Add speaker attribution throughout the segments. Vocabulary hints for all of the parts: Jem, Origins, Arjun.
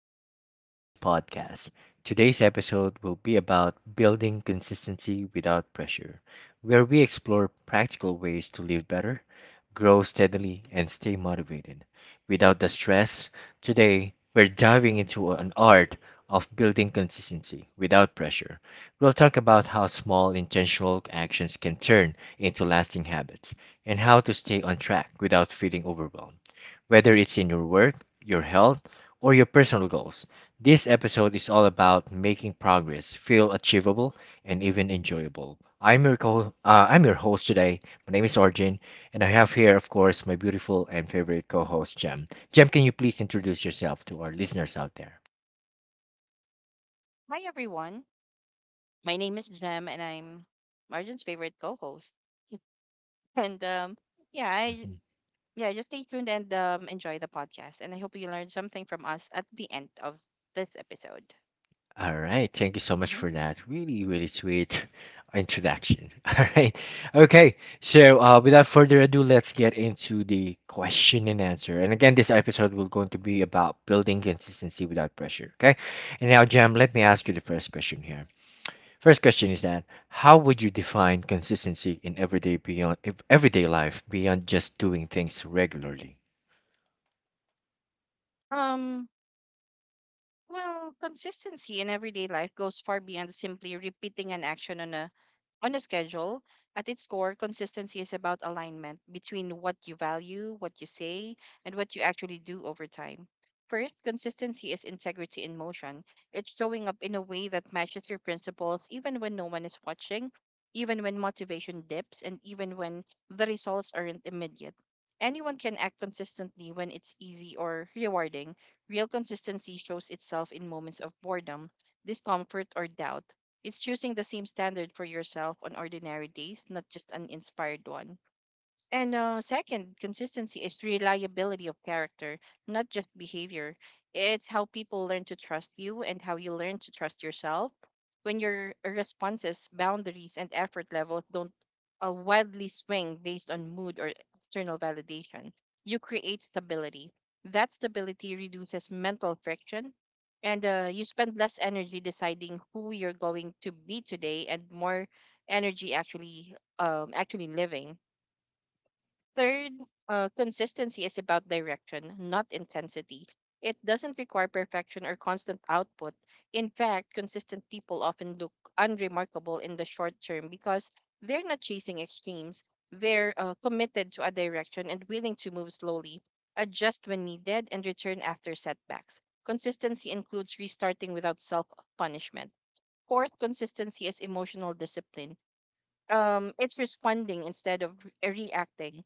Speaker 1: Welcome to Origins podcast. Today's episode will be about building consistency without pressure, where we explore practical ways to live better, grow steadily, and stay motivated without the stress. Today, we're diving into an art of building consistency without pressure. We'll talk about how small intentional actions can turn into lasting habits and how to stay on track without feeling overwhelmed. Whether it's in your work, your health, or your personal goals, this episode is all about making progress feel achievable and even enjoyable. I'm your host today. My name is Arjun, and I have here, of course, my beautiful and favorite co host, Jem. Jem, can you please introduce yourself to our listeners out there?
Speaker 2: Hi, everyone. My name is Jem, and I'm Margin's favorite co-host. And yeah, I
Speaker 1: Mm-hmm.
Speaker 2: yeah, just stay tuned and enjoy the podcast. And I hope you learned something from us at the end of this episode.
Speaker 1: All right. Thank you so much
Speaker 2: Mhm.
Speaker 1: for that. Really, really sweet introduction. All right. Okay. So, without further ado, let's get into the question and answer. And again, this episode will going to be about building consistency without pressure. Okay. And now, Jam, let me ask you the first question here. First question is that how would you define consistency in everyday everyday life beyond just doing things regularly?
Speaker 2: Um Well, consistency in everyday life goes far beyond simply repeating an action on a schedule. At its core, consistency is about alignment between what you value, what you say, and what you actually do over time. First, consistency is integrity in motion. It's showing up in a way that matches your principles even when no one is watching, even when motivation dips, and even when the results aren't immediate. Anyone can act consistently when it's easy or rewarding. Real consistency shows itself in moments of boredom, discomfort, or doubt. It's choosing the same standard for yourself on ordinary days, not just an inspired one. And second, consistency is reliability of character, not just behavior. It's how people learn to trust you and how you learn to trust yourself. When your responses, boundaries, and effort levels don't wildly swing based on mood or external validation, you create stability. That stability reduces mental friction, and you spend less energy deciding who you're going to be today and more energy actually living. Third, consistency is about direction, not intensity. It doesn't require perfection or constant output. In fact, consistent people often look unremarkable in the short term because they're not chasing extremes. They're committed to a direction and willing to move slowly, adjust when needed, and return after setbacks. Consistency includes restarting without self punishment. Fourth, consistency is emotional discipline. It's responding instead of reacting.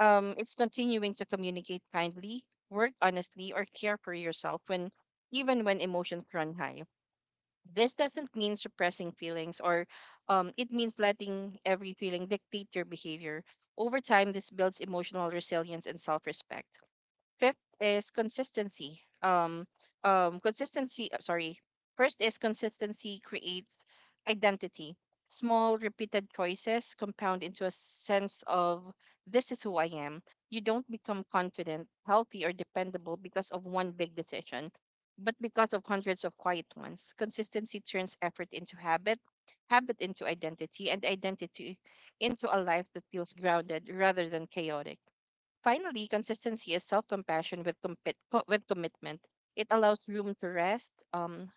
Speaker 2: It's continuing to communicate kindly, work honestly, or care for yourself when even when emotions run high. This doesn't mean suppressing feelings. Or It means letting every feeling dictate your behavior. Over time, this builds emotional resilience and self respect. Fifth is consistency. Consistency. Sorry. First is consistency creates identity. Small, repeated choices compound into a sense of this is who I am. You don't become confident, healthy, or dependable because of one big decision, but because of hundreds of quiet ones. Consistency turns effort into habit, habit into identity, and identity into a life that feels grounded rather than chaotic. Finally, consistency is self-compassion with commitment. It allows room to rest,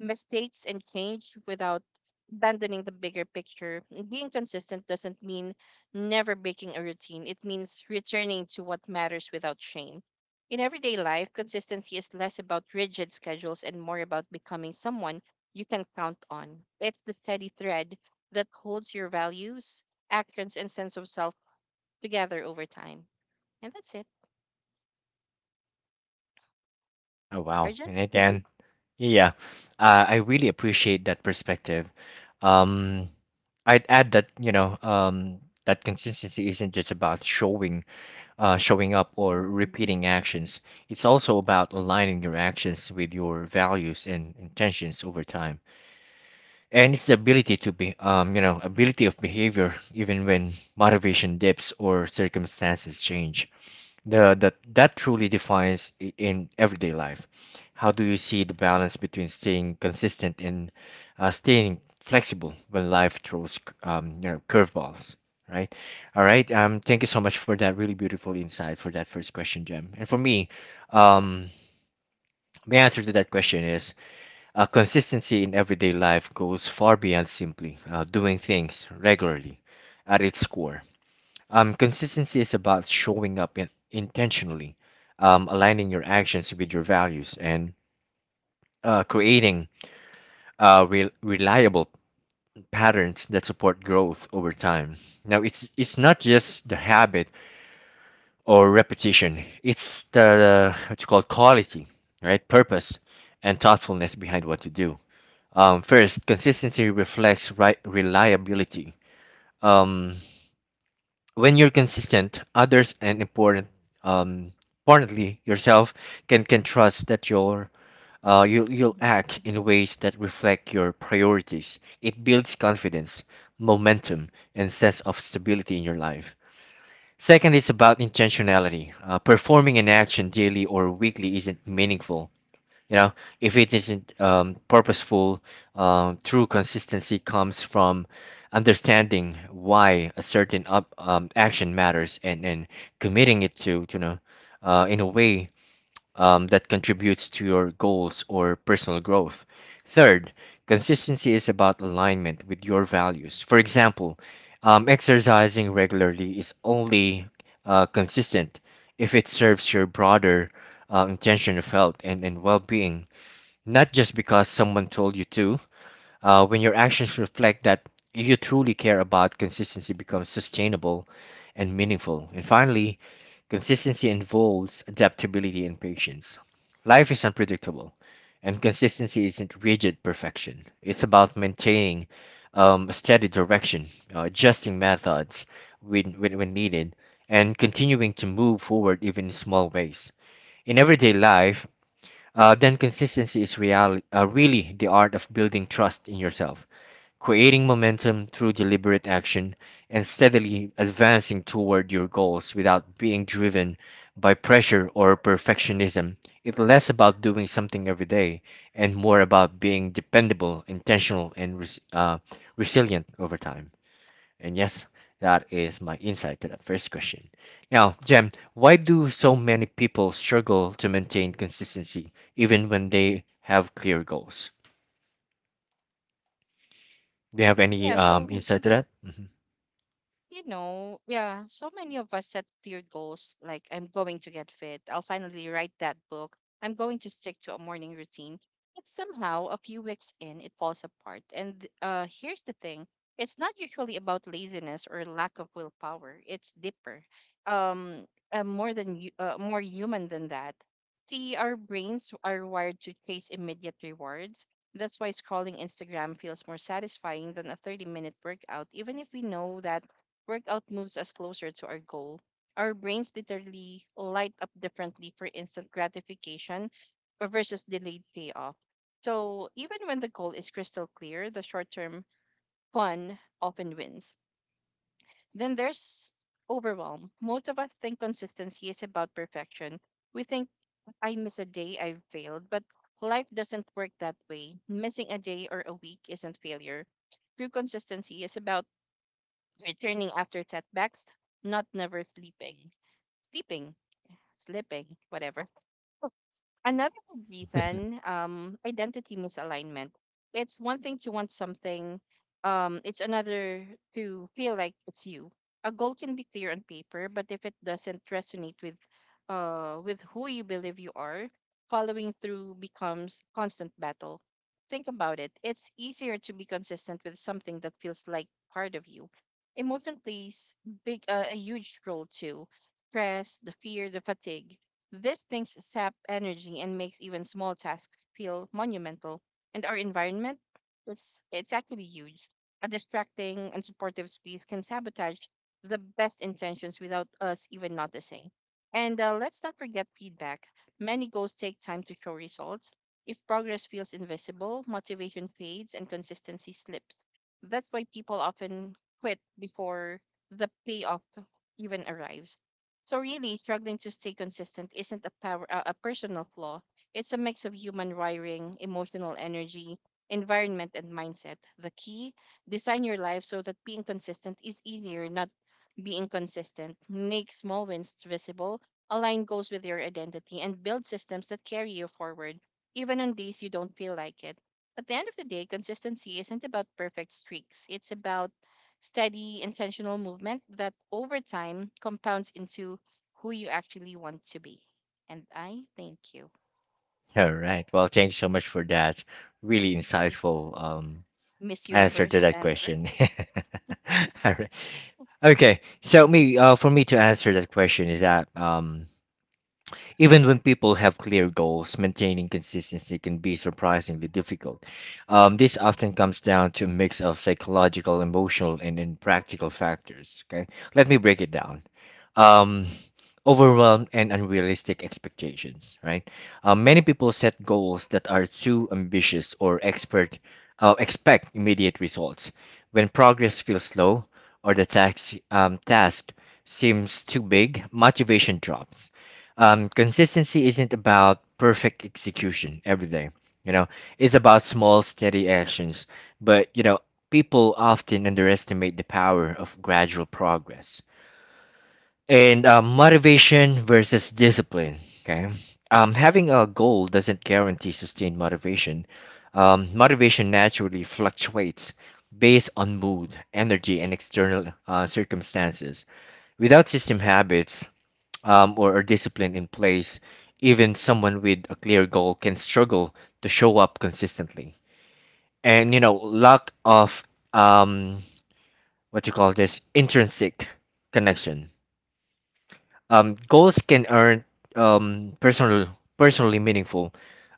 Speaker 2: mistakes, and change without abandoning the bigger picture. Being consistent doesn't mean never breaking a routine. It means returning to what matters without shame. In everyday life, consistency is less about rigid schedules and more about becoming someone you can count on. It's the steady thread that holds your values, actions, and sense of self together over time. And that's it.
Speaker 1: Oh wow.
Speaker 2: Origin?
Speaker 1: And again, yeah, I really appreciate that perspective. Um, I'd add that that consistency isn't just about showing up or
Speaker 2: Hmm.
Speaker 1: repeating actions. It's also about aligning your actions with your values and intentions over time. And it's the ability to be, ability of behavior even when motivation dips or circumstances change. That truly defines in everyday life. How do you see the balance between staying consistent and staying flexible when life throws you know curveballs, right? All right. Thank you so much for that really beautiful insight for that first question, Jem. And for me, um, my answer to that question is consistency in everyday life goes far beyond simply doing things regularly at its core. Consistency is about showing up in, intentionally, aligning your actions with your values, and creating reliable patterns that support growth over time. Now, it's not just the habit or repetition; it's the what you call quality, right? Purpose and thoughtfulness behind what you do. First, consistency reflects right reliability. Um, when you're consistent, others and important um importantly yourself can trust that you'll
Speaker 2: Hmm.
Speaker 1: act in ways that reflect your priorities. It builds confidence, momentum, and sense of stability in your life. Second, it's about intentionality. Performing an action daily or weekly isn't meaningful you know, if it isn't purposeful. Um, true consistency comes from understanding why a certain action matters and committing it to, in a way that contributes to your goals or personal growth. Third, consistency is about alignment with your values. For example, exercising regularly is only consistent if it serves your broader intention of health and well being, not just because someone told you to. When your actions reflect that you truly care about, consistency becomes sustainable and meaningful. And finally, consistency involves adaptability and patience. Life is unpredictable, and consistency isn't rigid perfection. It's about maintaining a steady direction, adjusting methods when needed, and continuing to move forward even in small ways. In everyday life, then consistency is really the art of building trust in yourself, creating momentum through deliberate action, and steadily advancing toward your goals without being driven by pressure or perfectionism. It's less about doing something every day and more about being dependable, intentional, and resilient over time. And yes, that is my insight to the first question. Now, Jem, why do so many people struggle to maintain consistency even when they have clear goals? Do you have any
Speaker 2: Yeah, so
Speaker 1: um, insight to that? Mhm.
Speaker 2: yeah, so many of us set clear goals like I'm going to get fit, I'll finally write that book, I'm going to stick to a morning routine. But somehow, a few weeks in, it falls apart. And here's the thing. It's not usually about laziness or lack of willpower, it's deeper, um, more human than that. See, our brains are wired to chase immediate rewards. That's why scrolling Instagram feels more satisfying than a 30-minute workout, even if we know that workout moves us closer to our goal. Our brains literally light up differently for instant gratification versus delayed payoff. So, even when the goal is crystal clear, the short term fun often wins. Then there's overwhelm. Most of us think consistency is about perfection. We think I miss a day, I've failed, but life doesn't work that way. Missing a day or a week isn't failure. True consistency is about returning after setbacks, not never sleeping. Sleeping, slipping, whatever. Another good reason, identity misalignment. It's one thing to want something. It's another to feel like it's you. A goal can be clear on paper, but if it doesn't resonate with who you believe you are, following through becomes constant battle. Think about it. It's easier to be consistent with something that feels like part of you. Emotion plays a huge role too. Stress, the fear, the fatigue, these things sap energy and makes even small tasks feel monumental. And our environment, it's actually huge. A distracting and supportive space can sabotage the best intentions without us even noticing. And let's not forget feedback. Many goals take time to show results. If progress feels invisible, motivation fades and consistency slips. That's why people often quit before the payoff even arrives. So really, struggling to stay consistent isn't a personal flaw. It's a mix of human wiring, emotional energy, environment, and mindset. The key: design your life so that being consistent is easier, not being consistent. Make small wins visible, align goals with your identity, and build systems that carry you forward, even on days you don't feel like it. At the end of the day, consistency isn't about perfect streaks. It's about steady, intentional movement that over time compounds into who you actually want to be. And I thank you.
Speaker 1: All right. Well, thank you so much for that really insightful
Speaker 2: Miss
Speaker 1: answer to
Speaker 2: Universe
Speaker 1: that
Speaker 2: answer.
Speaker 1: question. All right. Okay. So me, uh, for me to answer that question is
Speaker 2: Mhm.
Speaker 1: that even when people have clear goals, maintaining consistency can be surprisingly difficult. This often comes down to a mix of psychological, emotional, and practical factors. Okay, let me break it down. Um, overwhelmed and unrealistic expectations, right? Many people set goals that are too ambitious or expect immediate results. When progress feels slow or the task seems too big, motivation drops. Consistency isn't about perfect execution every day. You know, it's about small, steady actions. But, you know, people often underestimate the power of gradual progress and motivation versus discipline. Okay, having a goal doesn't guarantee sustained motivation. Motivation naturally fluctuates based on mood energy and external circumstances without system habits, or a discipline in place, even someone with a clear goal can struggle to show up consistently. And you know lack of um, what you call this intrinsic connection. Goals can earn um, personal, personally meaningful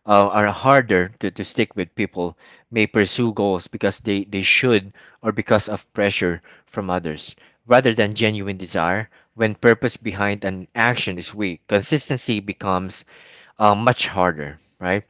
Speaker 1: are harder to stick with. People may pursue goals because they should or because of pressure from others rather than genuine desire. When purpose behind an action is weak, consistency becomes much harder, right?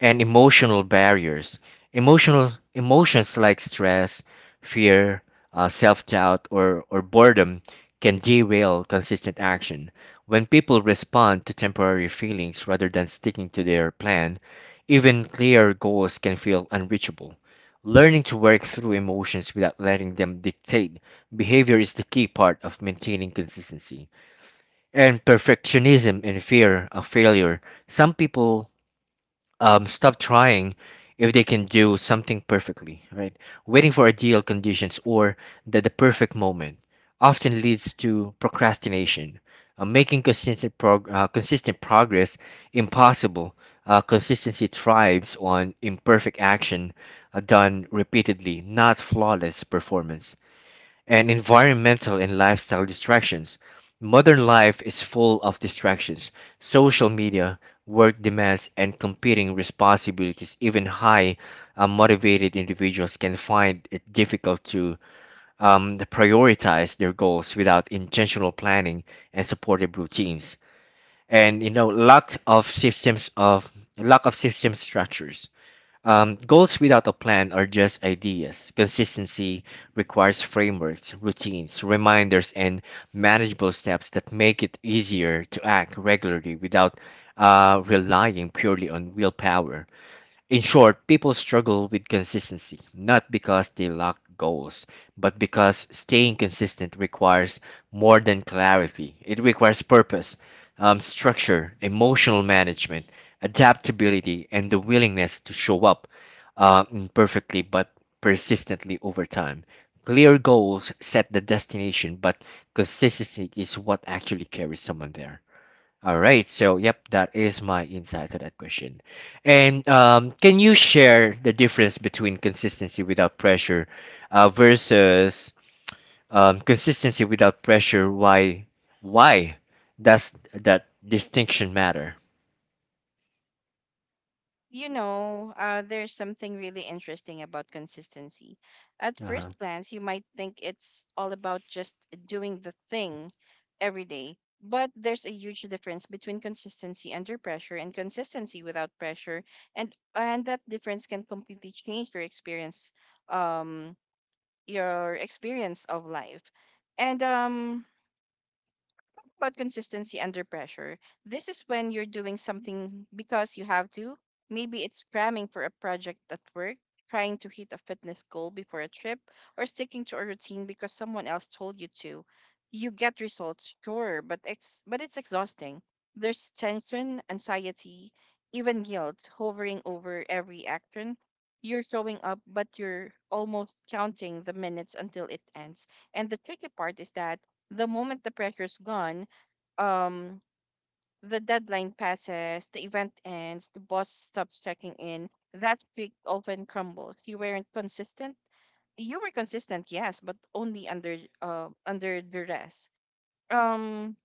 Speaker 1: And emotional barriers, emotional emotions like stress, fear, self-doubt or boredom can derail consistent action. When people respond to temporary feelings rather than sticking to their plan, even clear goals can feel unreachable. Learning to work through emotions without letting them dictate behavior is the key part of maintaining consistency. And perfectionism and fear of failure, some people stop trying if they can do something perfectly, right? Waiting for ideal conditions or the perfect moment often leads to procrastination, making consistent progress impossible. Consistency thrives on imperfect action done repeatedly, not flawless performance. And environmental and lifestyle distractions. Modern life is full of distractions. Social media, work demands, and competing responsibilities. Even high motivated individuals can find it difficult to prioritize their goals without intentional planning and supportive routines. And you know, lack of system structures, goals without a plan are just ideas. Consistency requires frameworks, routines, reminders, and manageable steps that make it easier to act regularly without relying purely on willpower. In short, people struggle with consistency, not because they lack goals, but because staying consistent requires more than clarity. It requires purpose, structure, emotional management, adaptability, and the willingness to show up imperfectly but persistently over time. Clear goals set the destination, but consistency is what actually carries someone there. All right. So, yep, that is my insight to that question. And can you share the difference between consistency without pressure versus consistency without pressure? Why? Why does that distinction matter?
Speaker 2: You know, there's something really interesting about consistency. At
Speaker 1: Uh-huh.
Speaker 2: first glance, you might think it's all about just doing the thing every day, but there's a huge difference between consistency under pressure and consistency without pressure, and that difference can completely change um your experience of life. And about consistency under pressure. This is when you're doing something because you have to. Maybe it's cramming for a project at work, trying to hit a fitness goal before a trip, or sticking to a routine because someone else told you to. You get results, sure, but it's exhausting. There's tension, anxiety, even guilt hovering over every action. You're showing up, but you're almost counting the minutes until it ends. And the tricky part is that the moment the pressure's gone, um the deadline passes, the event ends, the boss stops checking in, that streak often crumbles. You weren't consistent. You were consistent, yes, but only under duress. Um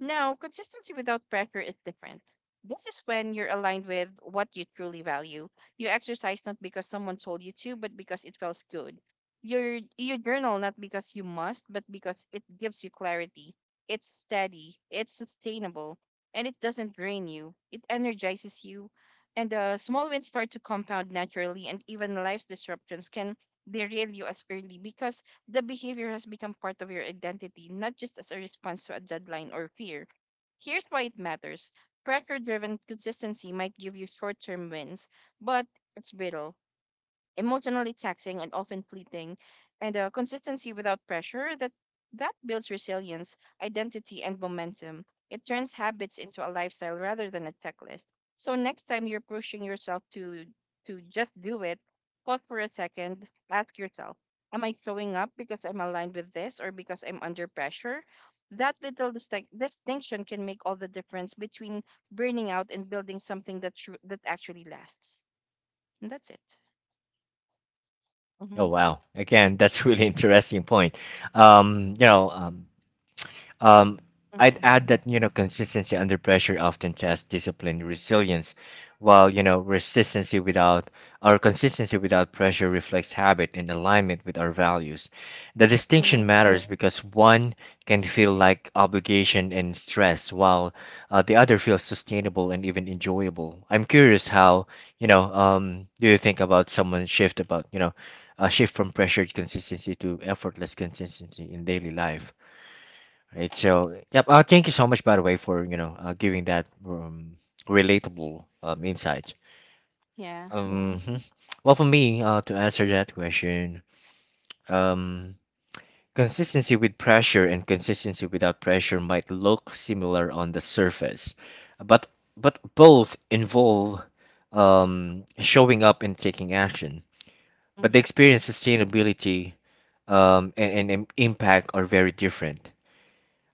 Speaker 2: Now, consistency without pressure is different. This is when you're aligned with what you truly value. You exercise not because someone told you to, but because it feels good. You journal not because you must, but because it gives you clarity. It's steady, it's sustainable, and it doesn't drain you. It energizes you. And small wins start to compound naturally, and even life's disruptions can derail you as early because the behavior has become part of your identity, not just as a response to a deadline or fear. Here's why it matters: pressure driven consistency might give you short term wins, but it's brittle, emotionally taxing, and often fleeting. And consistency without pressure, that builds resilience, identity, and momentum. It turns habits into a lifestyle rather than a checklist. So next time you're pushing yourself to just do it, pause for a second, ask yourself, am I showing up because I'm aligned with this or because I'm under pressure? That little distinction can make all the difference between burning out and building something that that actually lasts. And that's it. Mm-hmm.
Speaker 1: Oh wow! Again, that's really interesting point. Um, you know, um, Um, I'd add that you know consistency under pressure often tests discipline, resilience, while you know resistancy without or consistency without pressure reflects habit and alignment with our values. The
Speaker 2: Mm
Speaker 1: distinction
Speaker 2: hmm.
Speaker 1: matters because one can feel like obligation and stress, while the other feels sustainable and even enjoyable. I'm curious how you know do you think about someone's shift about you know a shift from pressure to consistency to effortless consistency in daily life? Right. So, yep. Thank you so much, by the way, for you know giving that relatable insight.
Speaker 2: Yeah.
Speaker 1: Mhm. well, for me, to answer that question, um, consistency with pressure and consistency without pressure might look similar on the surface, but but both involve showing up and taking action.
Speaker 2: Mm
Speaker 1: But the
Speaker 2: hmm.
Speaker 1: experience, sustainability, and impact are very different.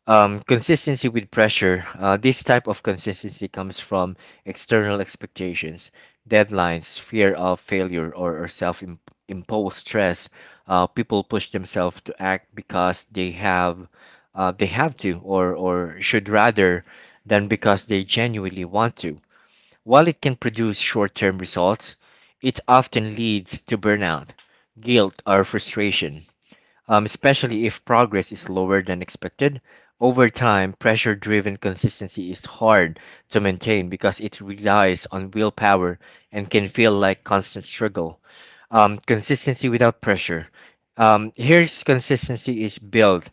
Speaker 1: Consistency with pressure. This type of consistency comes from external expectations, deadlines, fear of failure, or self imposed stress. People push themselves to act because they have to, or should rather, than because they genuinely want to. While it can produce short term results, it often leads to burnout, guilt, or frustration, especially if progress is lower than expected. Over time, pressure driven consistency is hard to maintain because it relies on willpower and can feel like constant struggle. Consistency without pressure. Here's consistency is built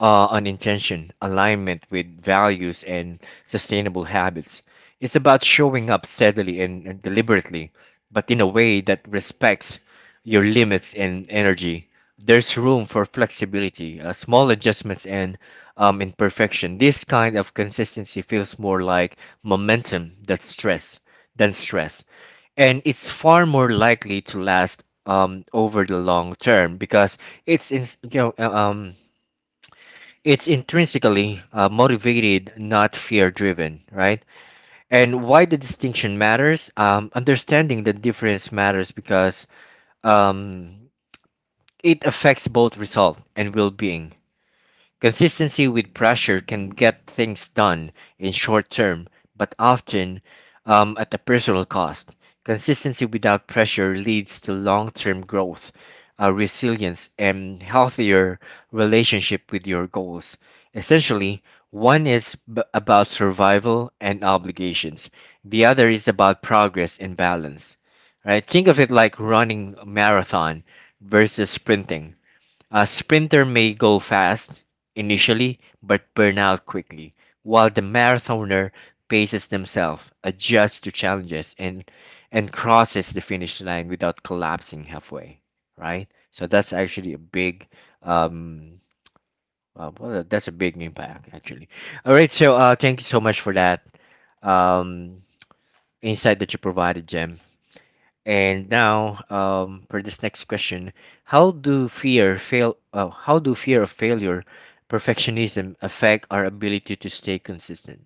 Speaker 1: on intention, alignment with values, and sustainable habits. It's about showing up steadily and deliberately, but in a way that respects your limits and energy. There's room for flexibility, small adjustments, and imperfection. This kind of consistency feels more like momentum than stress. And it's far more likely to last over the long term because it's in, you know it's intrinsically motivated, not fear driven, right? And why the distinction matters? Understanding the difference matters because um, it affects both result and well being. Consistency with pressure can get things done in short term, but often, at a personal cost. Consistency without pressure leads to long term growth, resilience, and healthier relationship with your goals. Essentially, one is about survival and obligations, the other is about progress and balance. Right? Think of it like running a marathon versus sprinting. A sprinter may go fast initially but burn out quickly, while the marathoner paces themselves, adjusts to challenges, and crosses the finish line without collapsing halfway. Right? So that's actually a big um that's a big impact actually. All right, so thank you so much for that um insight that you provided, Jem. And now, for this next question, how do fear of failure, perfectionism affect our ability to stay consistent?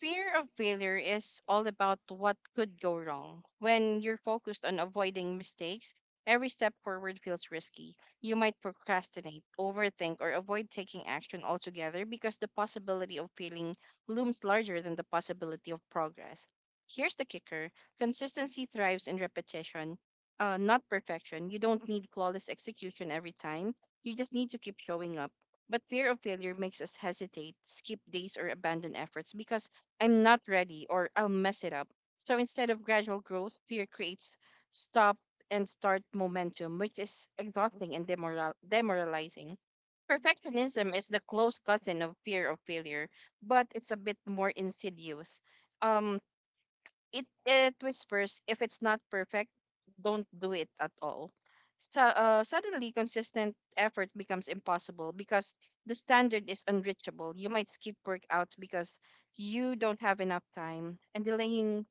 Speaker 2: Fear of failure is all about what could go wrong. When you're focused on avoiding mistakes, every step forward feels risky. You might procrastinate, overthink, or avoid taking action altogether because the possibility of failing looms larger than the possibility of progress. Here's the kicker: consistency thrives in repetition, not perfection. You don't need flawless execution every time, you just need to keep showing up. But fear of failure makes us hesitate, skip days, or abandon efforts because I'm not ready or I'll mess it up. So instead of gradual growth, fear creates stop and start momentum, which is exhausting and demoralizing. Perfectionism is the close cousin of fear of failure, but it's a bit more insidious. Um, it whispers, if it's not perfect, don't do it at all. So, suddenly consistent effort becomes impossible because the standard is unreachable. You might skip workouts because you don't have enough time, and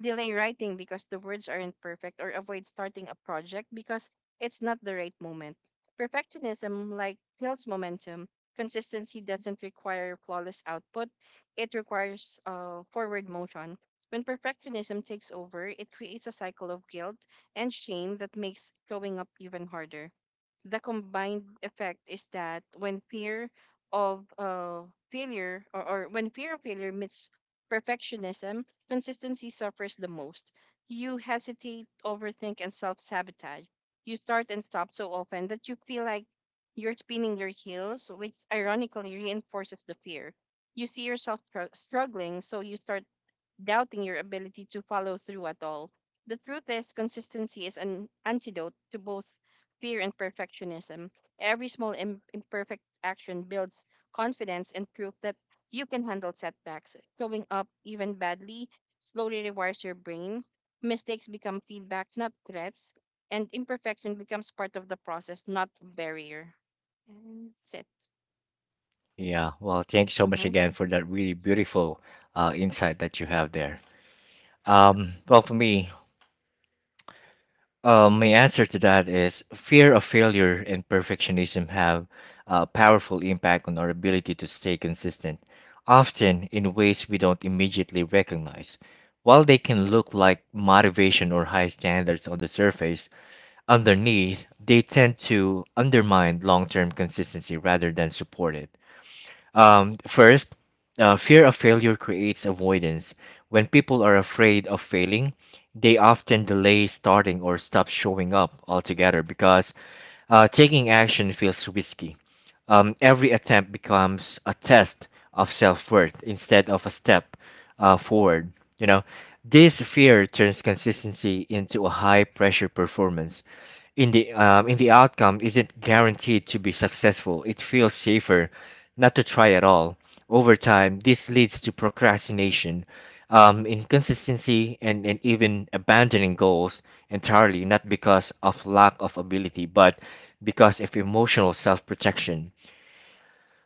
Speaker 2: delay writing because the words aren't perfect, or avoid starting a project because it's not the right moment. Perfectionism, like, kills momentum. Consistency doesn't require flawless output, it requires forward motion. When perfectionism takes over, it creates a cycle of guilt and shame that makes showing up even harder. The combined effect is that when fear of failure, or when fear of failure meets perfectionism, consistency suffers the most. You hesitate, overthink, and self sabotage. You start and stop so often that you feel like you're spinning your heels, which ironically reinforces the fear. You see yourself struggling, so you start doubting your ability to follow through at all. The truth is, consistency is an antidote to both fear and perfectionism. Every small imperfect action builds confidence and proof that you can handle setbacks. Showing up even badly slowly rewires your brain. Mistakes become feedback, not threats. And imperfection becomes part of the process, not a barrier. And that's it.
Speaker 1: Yeah, well, thanks so much
Speaker 2: Mm-hmm.
Speaker 1: again for that really beautiful insight that you have there. For me, my answer to that is fear of failure and perfectionism have a powerful impact on our ability to stay consistent, often in ways we don't immediately recognize. While they can look like motivation or high standards on the surface, underneath, they tend to undermine long term consistency rather than support it. First, fear of failure creates avoidance. When people are afraid of failing, they often delay starting or stop showing up altogether because taking action feels risky. Every attempt becomes a test of self-worth instead of a step forward. You know, this fear turns consistency into a high-pressure performance in the outcome isn't guaranteed to be successful, it feels safer not to try at all. Over time, this leads to procrastination, inconsistency, and even abandoning goals entirely, not because of lack of ability, but because of emotional self protection.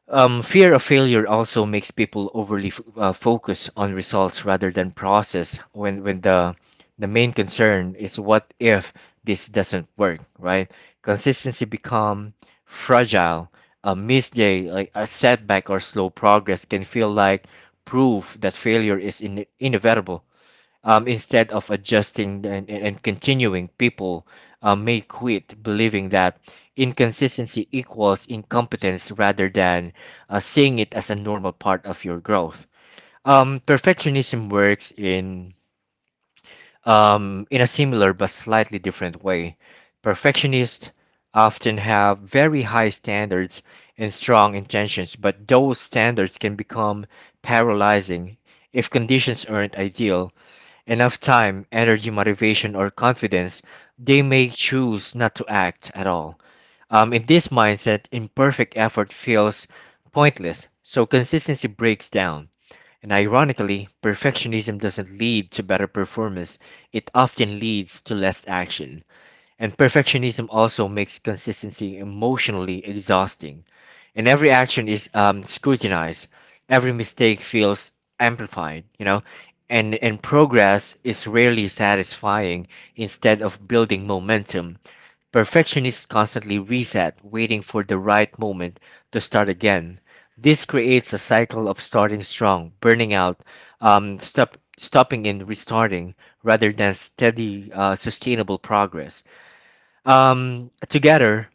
Speaker 1: Fear of failure also makes people overly focus on results rather than process when the main concern is what if this doesn't work, right? Consistency become fragile. A missed day, like a setback or slow progress can feel like proof that failure is inevitable. Instead of adjusting and, and continuing, people may quit believing that inconsistency equals incompetence rather than seeing it as a normal part of your growth. Perfectionism works in a similar but slightly different way. Perfectionists often have very high standards and strong intentions, but those standards can become paralyzing if conditions aren't ideal enough time, energy, motivation, or confidence, they may choose not to act at all. In this mindset, imperfect effort feels pointless, so consistency breaks down. And ironically, perfectionism doesn't lead to better performance, it often leads to less action. And perfectionism also makes consistency emotionally exhausting. And every action is scrutinized, every mistake feels amplified, you know, and progress is rarely satisfying instead of building momentum. Perfectionists constantly reset, waiting for the right moment to start again. This creates a cycle of starting strong, burning out, stopping and restarting, rather than steady, sustainable progress. Together,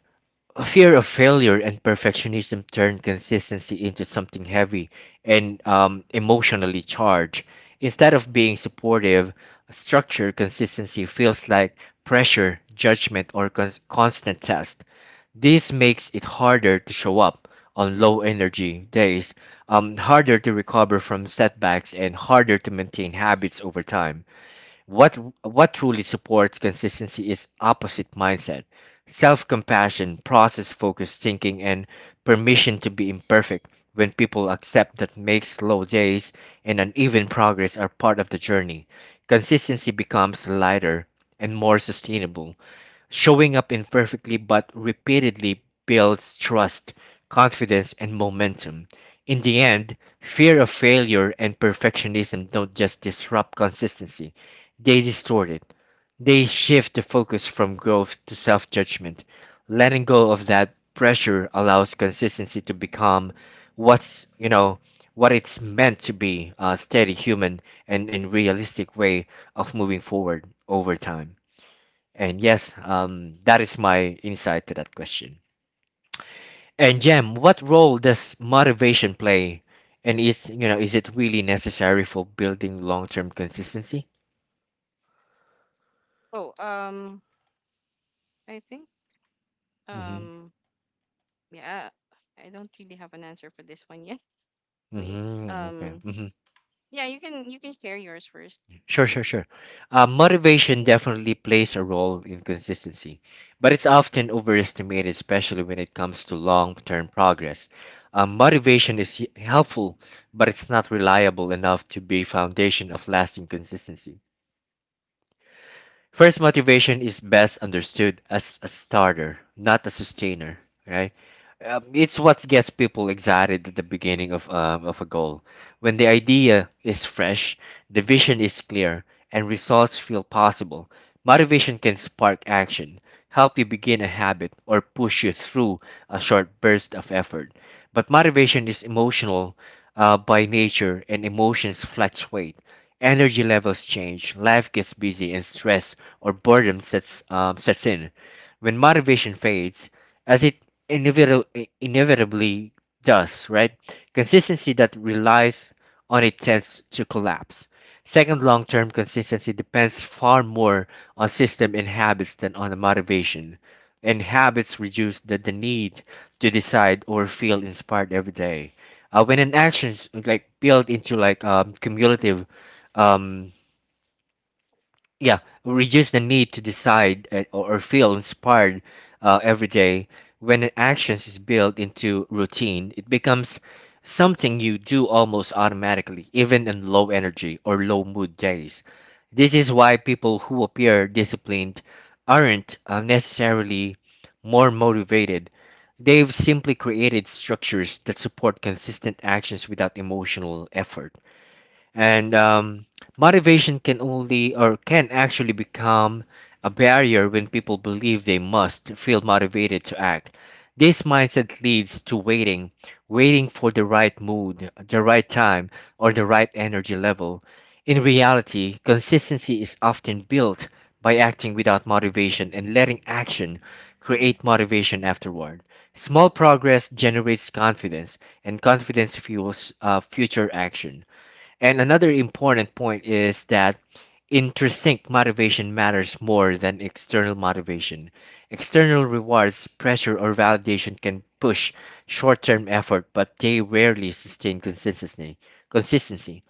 Speaker 1: a fear of failure and perfectionism turn consistency into something heavy and emotionally charged. Instead of being supportive, structure consistency feels like pressure, judgment, or constant test. This makes it harder to show up on low energy days, harder to recover from setbacks, and harder to maintain habits over time. What truly supports consistency is opposite mindset, self-compassion, process-focused thinking, and permission to be imperfect. When people accept that makes slow days and uneven progress are part of the journey, consistency becomes lighter and more sustainable. Showing up imperfectly but repeatedly builds trust, confidence, and momentum. In the end, fear of failure and perfectionism don't just disrupt consistency, they distort it. They shift the focus from growth to self judgment. Letting go of that pressure allows consistency to become what's, you know, what it's meant to be a steady, human, and realistic way of moving forward over time. And yes, that is my insight to that question. And Jem, what role does motivation play? And is you know is it really necessary for building long-term consistency?
Speaker 2: Oh, I think,
Speaker 1: Mm-hmm.
Speaker 2: um, yeah, I don't really have an answer for this one yet. Wait,
Speaker 1: Mm-hmm. Okay.
Speaker 2: um
Speaker 1: Mm-hmm.
Speaker 2: yeah, you can share yours first.
Speaker 1: Sure, sure, sure. Motivation definitely plays a role in consistency, but it's often overestimated, especially when it comes to long-term progress. Motivation is helpful, but it's not reliable enough to be foundation of lasting consistency. First, motivation is best understood as a starter, not a sustainer, right? It's what gets people excited at the beginning of a goal. When the idea is fresh, the vision is clear, and results feel possible, motivation can spark action, help you begin a habit, or push you through a short burst of effort. But motivation is emotional by nature, and emotions fluctuate. Energy levels change, life gets busy, and stress or boredom sets in. When motivation fades, as it inevitably does, right? Consistency that relies on it tends to collapse. Second, long term consistency depends far more on system and habits than on the motivation. And habits reduce the need to decide or feel inspired every day. When an action's like built into like um, yeah, reduce the need to decide or feel inspired every day. When an action is built into routine, it becomes something you do almost automatically, even in low energy or low mood days. This is why people who appear disciplined aren't necessarily more motivated. They've simply created structures that support consistent actions without emotional effort. And motivation can only or can actually become a barrier when people believe they must feel motivated to act. This mindset leads to waiting, waiting for the right mood, the right time, or the right energy level. In reality, consistency is often built by acting without motivation and letting action create motivation afterward. Small progress generates confidence, and confidence fuels future action. And another important point is that intrinsic motivation matters more than external motivation. External rewards, pressure, or validation can push short term effort, but they rarely sustain consistency.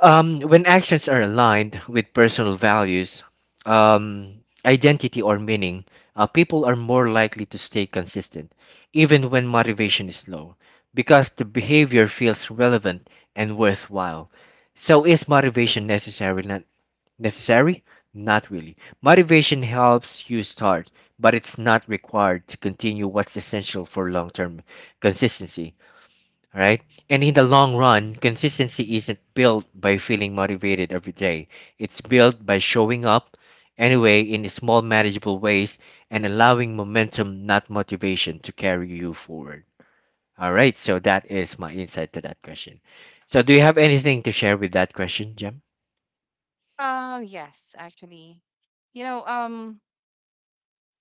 Speaker 1: When actions are aligned with personal values, um, identity, or meaning, people are more likely to stay consistent, even when motivation is low, because the behavior feels relevant and worthwhile. So, is motivation necessary? Necessary? Not really. Motivation helps you start, but it's not required to continue what's essential for long-term consistency. All right? And in the long run, consistency isn't built by feeling motivated every day. It's built by showing up anyway in small manageable ways and allowing momentum, not motivation, to carry you forward. All right, so that is my insight to that question. So do you have anything to share with that question, Jem?
Speaker 2: Yes, actually. You know, um,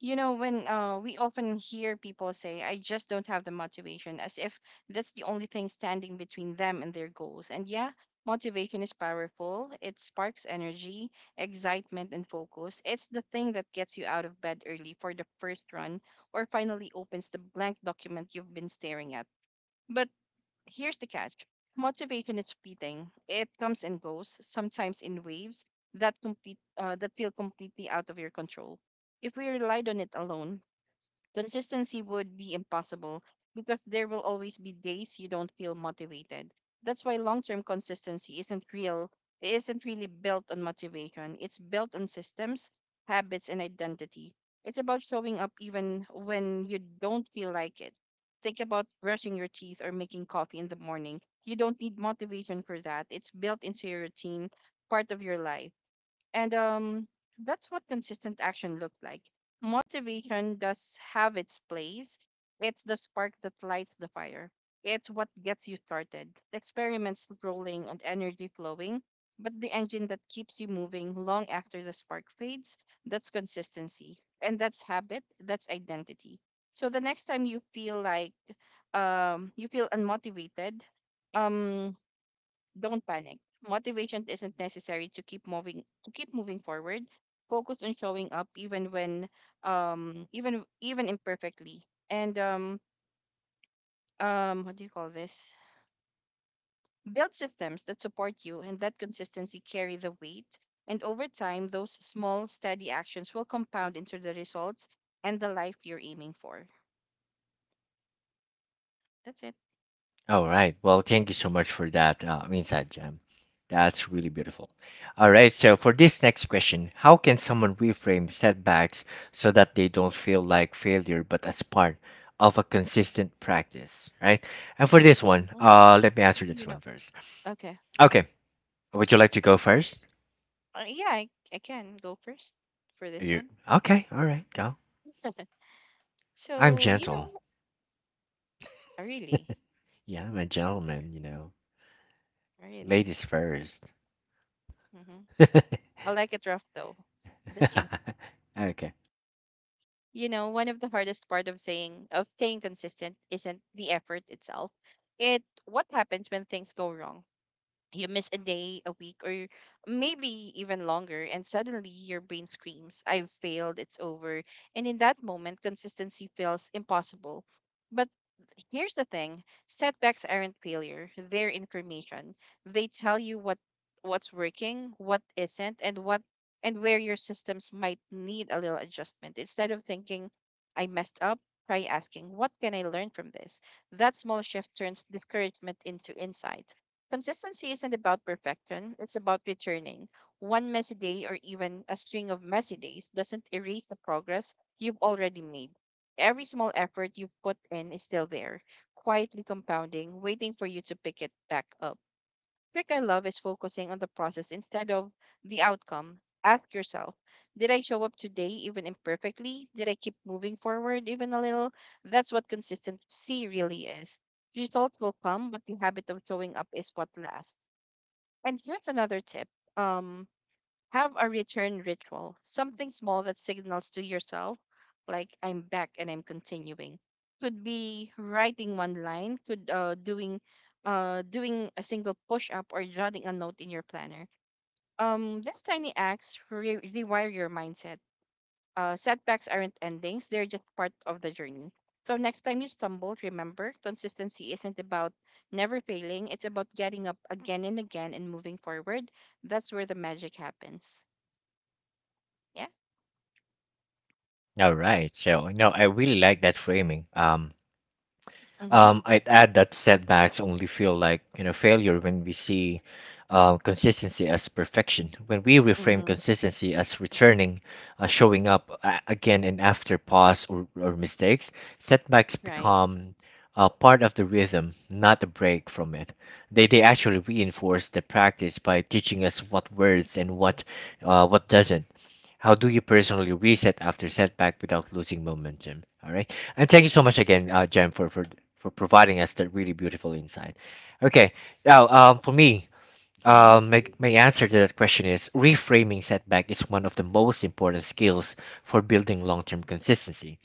Speaker 2: when we often hear people say, I just don't have the motivation, as if that's the only thing standing between them and their goals. And yeah, motivation is powerful. It sparks energy, excitement, and focus. It's the thing that gets you out of bed early for the first run or finally opens the blank document you've been staring at. But here's the catch: motivation is fleeting, it comes and goes, sometimes in waves that feel completely out of your control. If we relied on it alone, consistency would be impossible because there will always be days you don't feel motivated. That's why long-term consistency isn't real. It isn't really built on motivation. It's built on systems, habits, and identity. It's about showing up even when you don't feel like it. Think about brushing your teeth or making coffee in the morning. You don't need motivation for that. It's built into your routine, part of your life. And that's what consistent action looks like. Motivation does have its place. It's the spark that lights the fire. It's what gets you started, the experiments rolling and energy flowing, but the engine that keeps you moving long after the spark fades, that's consistency. And that's habit, that's identity. So the next time you feel like you feel unmotivated, um, don't panic. Motivation isn't necessary to keep moving forward. Focus on showing up even when even even imperfectly. And what do you call this? Build systems that support you and that consistency carry the weight. And over time those small steady actions will compound into the results and the life you're aiming for. That's it.
Speaker 1: All right. Well, thank you so much for that insight, Jam. That's really beautiful. All right. So, for this next question, how can someone reframe setbacks so that they don't feel like failure, but as part of a consistent practice, right? And for this one,
Speaker 2: Mhm.
Speaker 1: let me answer this
Speaker 2: You
Speaker 1: one
Speaker 2: know.
Speaker 1: first.
Speaker 2: Okay.
Speaker 1: Okay. Would you like to go first?
Speaker 2: Yeah, I can go first for
Speaker 1: Are
Speaker 2: this
Speaker 1: you
Speaker 2: one.
Speaker 1: okay? All right. Go. I'm
Speaker 2: So,
Speaker 1: gentle.
Speaker 2: really,
Speaker 1: Yeah, I'm a gentleman. You know,
Speaker 2: really.
Speaker 1: ladies first.
Speaker 2: Hmm. I like it rough though. Just kidding.
Speaker 1: okay.
Speaker 2: One of the hardest part of staying consistent isn't the effort itself. It's what happens when things go wrong. You miss a day, a week, or maybe even longer, and suddenly your brain screams, I've failed, it's over. And in that moment, consistency feels impossible. But here's the thing: setbacks aren't failure, they're information. They tell you what's working, what isn't, and what and where your systems might need a little adjustment. Instead of thinking, I messed up, try asking, what can I learn from this? That small shift turns discouragement into insight. Consistency isn't about perfection, it's about returning. One messy day or even a string of messy days doesn't erase the progress you've already made. Every small effort you've put in is still there, quietly compounding, waiting for you to pick it back up. Trick I love is focusing on the process instead of the outcome. Ask yourself, did I show up today even imperfectly? Did I keep moving forward even a little? That's what consistency really is. Results will come, but the habit of showing up is what lasts. And here's another tip. Um, have a return ritual, something small that signals to yourself, like I'm back and I'm continuing. Could be writing one line, could doing a single push up or jotting a note in your planner. These tiny acts rewire your mindset. Setbacks aren't endings; they're just part of the journey. So next time you stumble, remember consistency isn't about never failing. It's about getting up again and again and moving forward. That's where the magic happens. Yeah.
Speaker 1: All right. So no, I really like that framing.
Speaker 2: Mm-hmm.
Speaker 1: I'd add that setbacks only feel like you know failure when we see consistency as perfection. When we reframe
Speaker 2: Mm-hmm.
Speaker 1: consistency as returning, showing up again and after pause or mistakes, setbacks
Speaker 2: Right.
Speaker 1: become part of the rhythm, not a break from it. They actually reinforce the practice by teaching us what words and what doesn't. How do you personally reset after setback without losing momentum? All right. And thank you so much again, Jem, for, for providing us that really beautiful insight. Okay. Now, for me,
Speaker 2: Mm-hmm.
Speaker 1: my answer to that question is reframing setback is one of the most important skills for building long term consistency.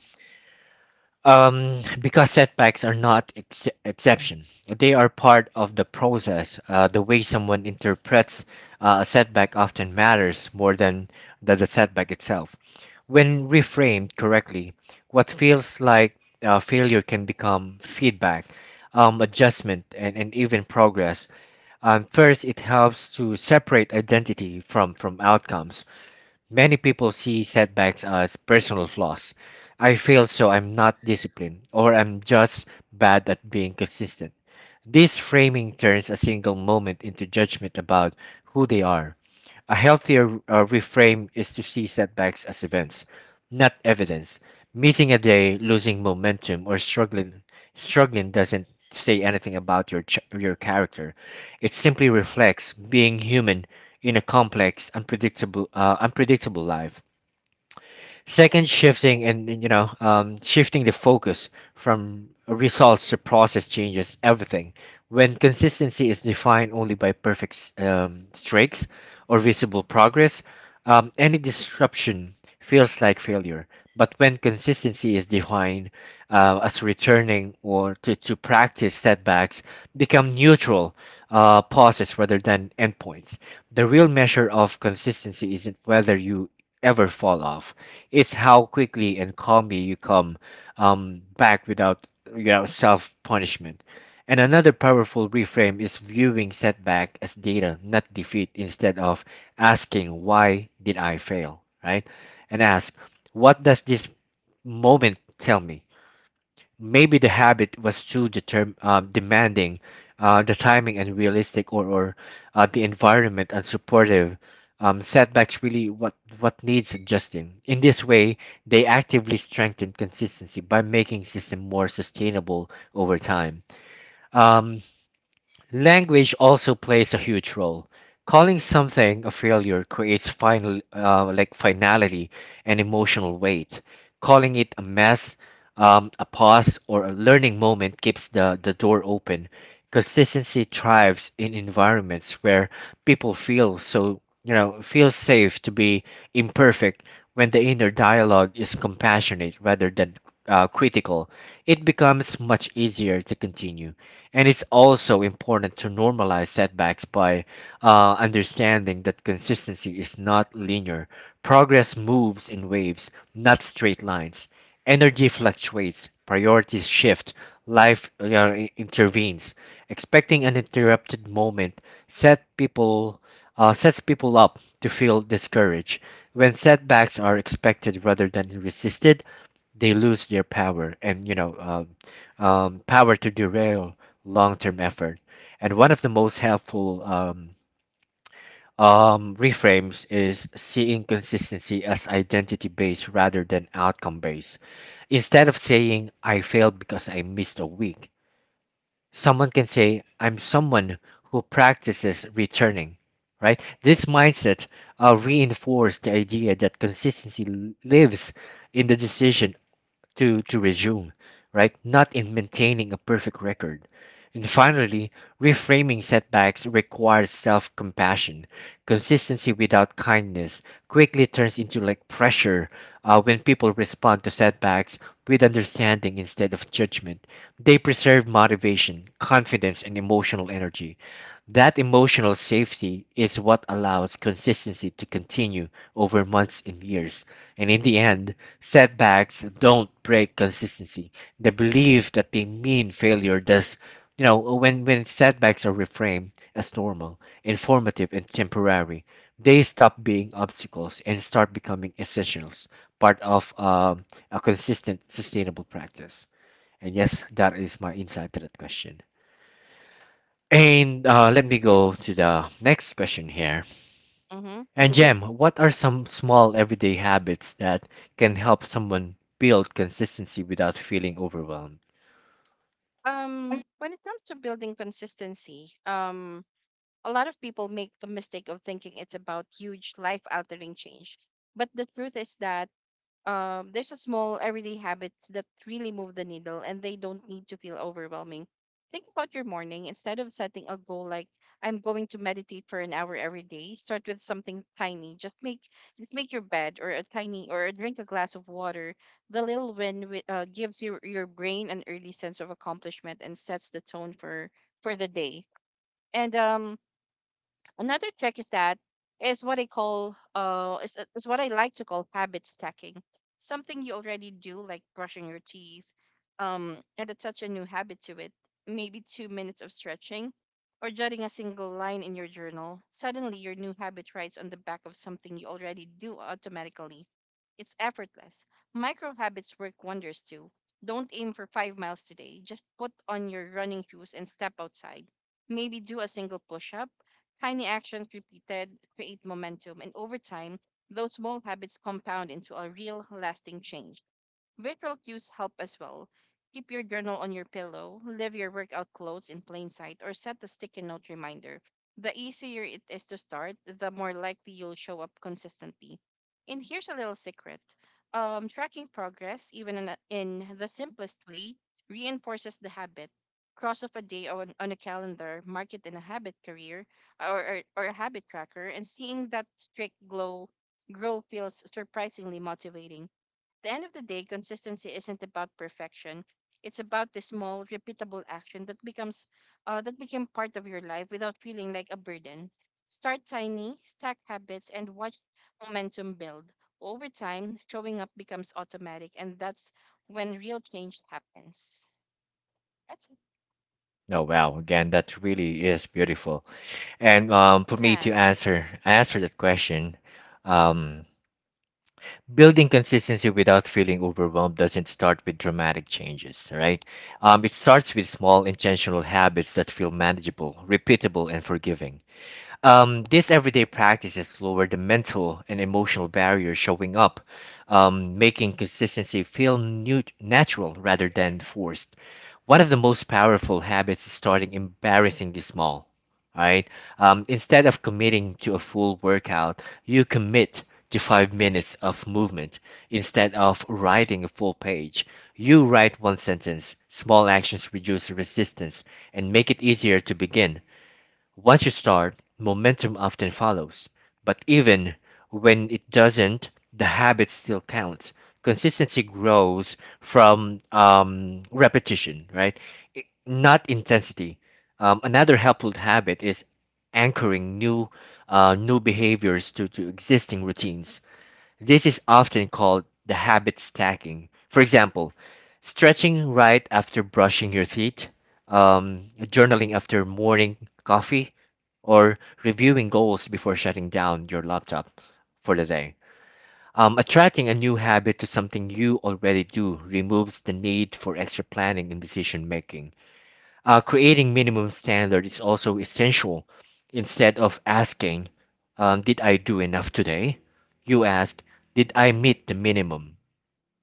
Speaker 1: Because setbacks are not exception. They are part of the process. The way someone interprets a setback often matters more than the setback itself. When reframed correctly, what feels like failure can become feedback, adjustment, and even progress. First, it helps to separate identity from outcomes. Many people see setbacks as personal flaws. I failed, so I'm not disciplined, or I'm just bad at being consistent. This framing turns a single moment into judgment about who they are. A healthier reframe is to see setbacks as events, not evidence. Missing a day, losing momentum, or struggling doesn't say anything about your your character. It simply reflects being human in a complex, unpredictable life. Second, shifting and, you know shifting the focus from results to process changes everything. When consistency is defined only by perfect streaks or visible progress, any disruption feels like failure. But when consistency is defined as returning to practice, setbacks become neutral pauses rather than endpoints. The real measure of consistency isn't whether you ever fall off. It's how quickly and calmly you come back without self punishment. And another powerful reframe is viewing setback as data, not defeat. Instead of asking why did I fail, right? And ask, what does this moment tell me? Maybe the habit was too demanding, the timing unrealistic, or the environment unsupportive. Setbacks really what needs adjusting. In this way, they actively strengthen consistency by making system more sustainable over time. Um, Language also plays a huge role. Calling something a failure creates finality and emotional weight. Calling it a mess, a pause, or a learning moment keeps the door open. Consistency thrives in environments where people feel so, you know, feel safe to be imperfect when the inner dialogue is compassionate rather than critical. It becomes much easier to continue. And it's also important to normalize setbacks by understanding that consistency is not linear. Progress moves in waves, not straight lines. Energy fluctuates, priorities shift, life intervenes. Expecting an interrupted moment set people, sets people up to feel discouraged. When setbacks are expected rather than resisted, they lose their power to derail long-term effort. And one of the most helpful reframes is seeing consistency as identity-based rather than outcome-based. Instead of saying I failed because I missed a week, someone can say, I'm someone who practices returning, right? This mindset reinforced the idea that consistency lives in the decision to resume, right? Not in maintaining a perfect record. And finally, reframing setbacks requires self compassion. Consistency without kindness quickly turns into like pressure. When people respond to setbacks with understanding instead of judgment, they preserve motivation, confidence, and emotional energy. That emotional safety is what allows consistency to continue over months and years. And in the end, setbacks don't break consistency. The belief that they mean failure does. When setbacks are reframed as normal, informative, and temporary, they stop being obstacles and start becoming essentials, part of a consistent, sustainable practice. And yes, that is my insight to that question. And let me
Speaker 2: Yeah.
Speaker 1: go to the next question here.
Speaker 2: Mm-hmm.
Speaker 1: And Jem, what are some small everyday habits that can help someone build consistency without feeling overwhelmed?
Speaker 2: When it comes to building consistency, a lot of people make the mistake of thinking it's about huge life-altering change. But the truth is that there's a small everyday habits that really move the needle and they don't need to feel overwhelming. Think about your morning. Instead of setting a goal like I'm going to meditate for an hour every day, start with something tiny. Just make your bed or a tiny or drink a glass of water. The little win gives your brain an early sense of accomplishment and sets the tone for the day. And another trick is that is what I like to call habit stacking. Something you already do, like brushing your teeth, and attach a new habit to it. Maybe 2 minutes of stretching, or jotting a single line in your journal. Suddenly, your new habit rides on the back of something you already do automatically. It's effortless. Micro habits work wonders too. Don't aim for 5 miles today. Just put on your running shoes and step outside. Maybe do a single push up. Tiny actions repeated create momentum, and over time, those small habits compound into a real, lasting change. Visual cues help as well. Keep your journal on your pillow, leave your workout clothes in plain sight, or set a sticky note reminder. The easier it is to start, the more likely you'll show up consistently. And here's a little secret: tracking progress, even in the simplest way, reinforces the habit. Cross off a day on a calendar, mark it in a habit career or a habit tracker, and seeing that streak glow grow feels surprisingly motivating. The end of the day, consistency isn't about perfection. It's about the small, repeatable action that becomes that became part of your life without feeling like a burden. Start tiny, stack habits, and watch momentum build. Over time, showing up becomes automatic, and that's when real change happens. That's it.
Speaker 1: Oh wow, again, that really is beautiful. And for me
Speaker 2: Yeah,
Speaker 1: to answer that question, um, building consistency without feeling overwhelmed doesn't start with dramatic changes, right? It starts with small intentional habits that feel manageable, repeatable, and forgiving. These everyday practices lower the mental and emotional barrier showing up, making consistency feel natural rather than forced. One of the most powerful habits is starting embarrassingly small. Right? Instead of committing to a full workout, you commit to 5 minutes of movement. Instead of writing a full page, you write one sentence. Small actions reduce resistance and make it easier to begin. Once you start, momentum often follows. But even when it doesn't, the habit still counts. Consistency grows from repetition, right? Not intensity. Another helpful habit is anchoring new behaviors to existing routines. This is often called the habit stacking. For example, stretching right after brushing your teeth, journaling after morning coffee, or reviewing goals before shutting down your laptop for the day. Attracting a new habit to something you already do removes the need for extra planning and decision making. Creating minimum standard is also essential. Instead of asking, "Did I do enough today?" you ask, "Did I meet the minimum?"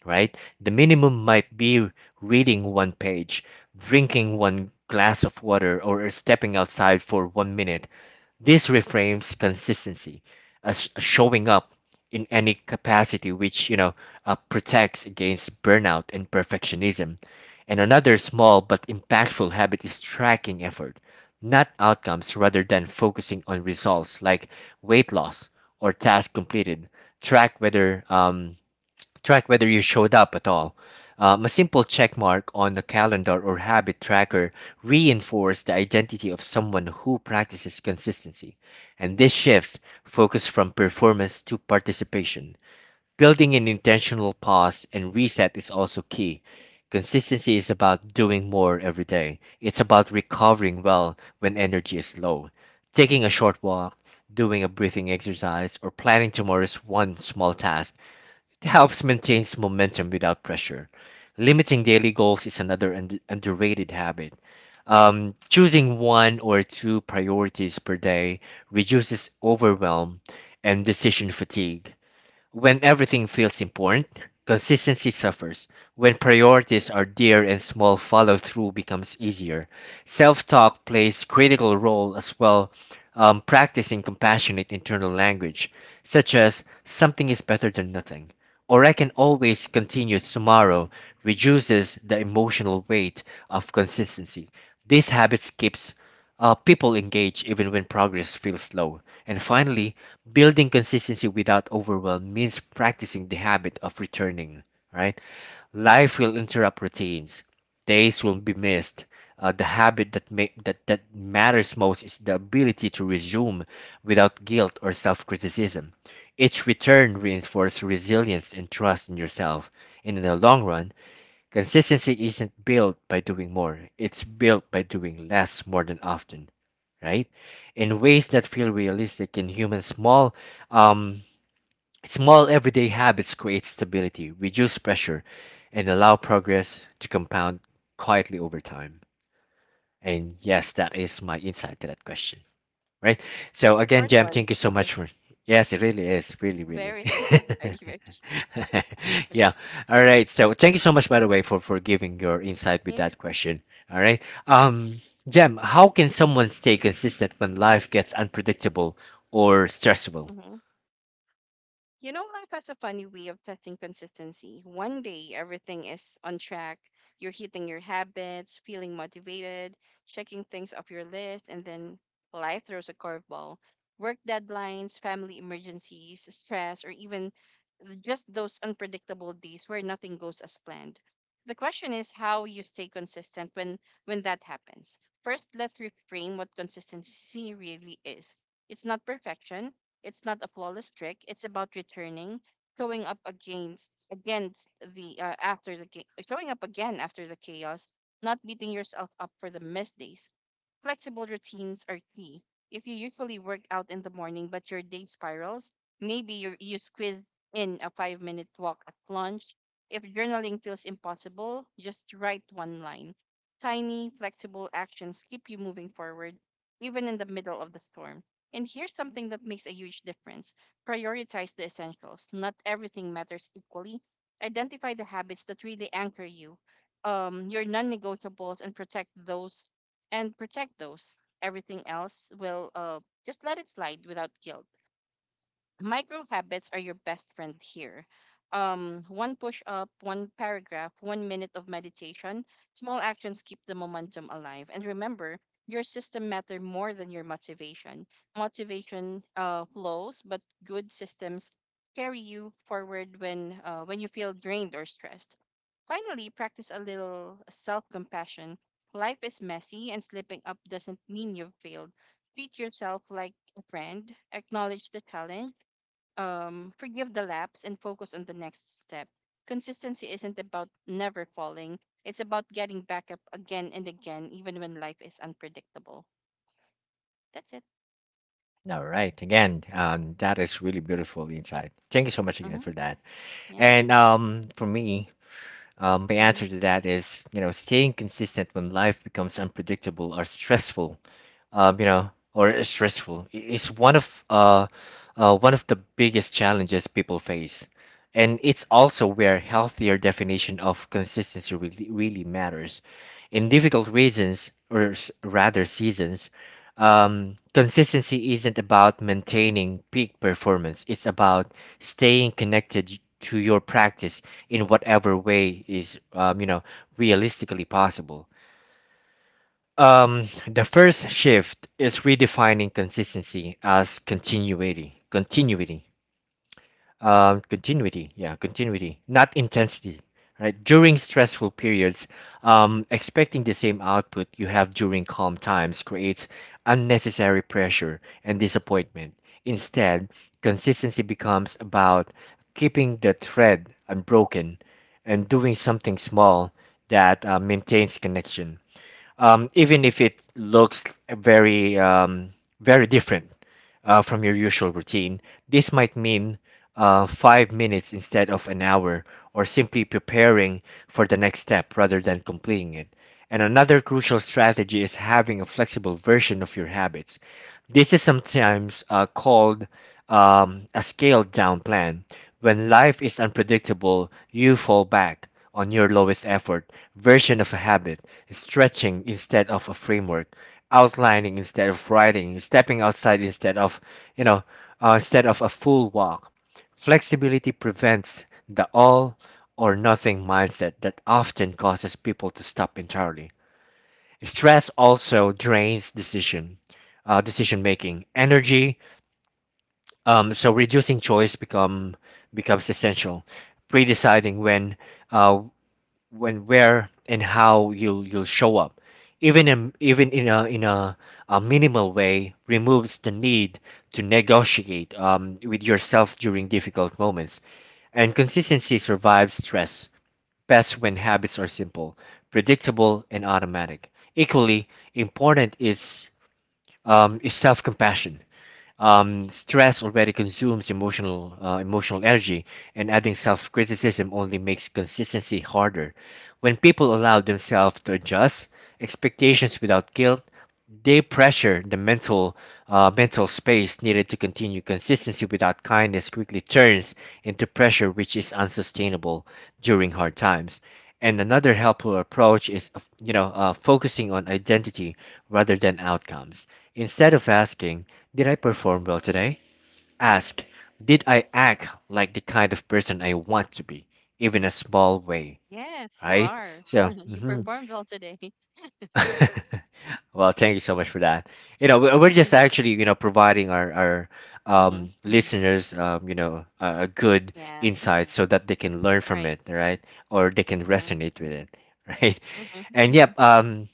Speaker 1: Right? The minimum might be reading one page, drinking one glass of water, or stepping outside for one minute. This reframes consistency as showing up in any capacity, which you know protects against burnout and perfectionism. And another small but impactful habit is tracking effort, not outcomes. Rather than focusing on results like weight loss or task completed, Track whether um, track whether you showed up at all. A simple check mark on a calendar or habit tracker reinforces the identity of someone who practices consistency. And this shifts focus from performance to participation. Building an intentional pause and reset is also key. Consistency is about doing more every day, it's about recovering well when energy is low. Taking a short walk, doing a breathing exercise, or planning tomorrow's one small task, it helps maintain momentum without pressure. Limiting daily goals is another underrated habit. Choosing one or two priorities per day reduces overwhelm and decision fatigue. When everything feels important, consistency suffers. When priorities are dear and small, follow through becomes easier. Self talk plays critical role as well, practicing compassionate internal language, such as something is better than nothing, or I can always continue tomorrow, reduces the emotional weight of consistency. These habits keeps people engage even when progress feels slow. And finally, building consistency without overwhelm means practicing the habit of returning, right? Life will interrupt routines. Days will be missed. The habit that, ma- that that matters most is the ability to resume without guilt or self-criticism. Each return reinforces resilience and trust in yourself. And in the long run, consistency isn't built by doing more; it's built by doing less more than often, right? In ways that feel realistic in human small, um small everyday habits create stability, reduce pressure, and allow progress to compound quietly over time. And yes, that is my insight to that question, right? So
Speaker 2: it's a
Speaker 1: again,
Speaker 2: short
Speaker 1: Jam,
Speaker 2: one.
Speaker 1: thank you so much for. Yes, it really is, really, really.
Speaker 2: Very, very, very.
Speaker 1: Yeah. All right. So thank you so much, by the way, for giving your insight with
Speaker 2: Yeah.
Speaker 1: that question. All right.
Speaker 2: Mm-hmm.
Speaker 1: Um, Jam, how can someone stay consistent when life gets unpredictable or stressful?
Speaker 2: You know, life has a funny way of testing consistency. One day, everything is on track. You're hitting your habits, feeling motivated, checking things off your list, and then life throws a curveball. Work deadlines, family emergencies, stress, or even just those unpredictable days where nothing goes as planned. The question is how you stay consistent when that happens. First, let's reframe what consistency really is. It's not perfection, it's not a flawless trick, it's about returning, showing up against against the after the ga- showing up again after the chaos, not beating yourself up for the misdays. Flexible routines are key. If you usually work out in the morning but your day spirals, maybe you squeeze in a 5-minute walk at lunch. If journaling feels impossible, just write one line. Tiny, flexible actions keep you moving forward, even in the middle of the storm. And here's something that makes a huge difference: prioritize the essentials. Not everything matters equally. Identify the habits that really anchor you, your non negotiables, and protect those. Everything else will just let it slide without guilt. Micro habits are your best friend here. One push up, one paragraph, 1 minute of meditation. Small actions keep the momentum alive. And remember, your system matter more than your motivation. Motivation flows, but good systems carry you forward when you feel drained or stressed. Finally, practice a little self compassion. Life is messy, and slipping up doesn't mean you've failed. Treat yourself like a friend. Acknowledge the challenge, forgive the lapse and focus on the next step. Consistency isn't about never falling, it's about getting back up again and again, even when life is unpredictable. That's it.
Speaker 1: All right. Again, that is really beautiful insight. Thank you so much again
Speaker 2: Hmm.
Speaker 1: for that.
Speaker 2: Yeah.
Speaker 1: And for me, um, my
Speaker 2: Hmm.
Speaker 1: answer to that is, you know, staying consistent when life becomes unpredictable or stressful is one of the biggest challenges people face, and it's also where healthier definition of consistency really, really matters. In difficult reasons, or rather seasons, consistency isn't about maintaining peak performance. It's about staying connected to your practice in whatever way is you know, realistically possible. The first shift is redefining consistency as continuity. Continuity, not intensity, right? During stressful periods, expecting the same output you have during calm times creates unnecessary pressure and disappointment. Instead, consistency becomes about keeping the thread unbroken and doing something small that maintains connection, even if it looks very um, very different from your usual routine. This might mean 5 minutes instead of an hour, or simply preparing for the next step rather than completing it. And another crucial strategy is having a flexible version of your habits. This is sometimes called a scaled down plan. When life is unpredictable, you fall back on your lowest effort version of a habit, stretching instead of a framework, outlining instead of writing, stepping outside instead of, you know, instead of a full walk. Flexibility prevents the all or nothing mindset that often causes people to stop entirely. Stress also drains decision making energy, so reducing choice becomes essential. Pre-deciding uh, when, where, and how you'll show up, even in a minimal way, removes the need to negotiate with yourself during difficult moments. And consistency survives stress best when habits are simple, predictable, and automatic. Equally important is self-compassion. Um, stress already consumes emotional energy, and adding self-criticism only makes consistency harder. When people allow themselves to adjust expectations without guilt, they pressure the mental space needed to continue. Consistency without kindness quickly turns into pressure, which is unsustainable during hard times. And another helpful approach is, focusing on identity rather than outcomes. Instead of asking, did I perform well today? Ask, did I act like the kind of person I want to be, even a small way,
Speaker 2: Yes, you
Speaker 1: right?
Speaker 2: are.
Speaker 1: So,
Speaker 2: You
Speaker 1: mhm.
Speaker 2: performed well today.
Speaker 1: Well, thank you so much for that. You know, we're just actually, you know, providing our
Speaker 2: Hmm.
Speaker 1: listeners, you know, a good
Speaker 2: Yeah.
Speaker 1: insight so that they can learn from
Speaker 2: Right.
Speaker 1: it, right? Or they can
Speaker 2: Hmm.
Speaker 1: resonate with it, right?
Speaker 2: Hmm.
Speaker 1: And yep,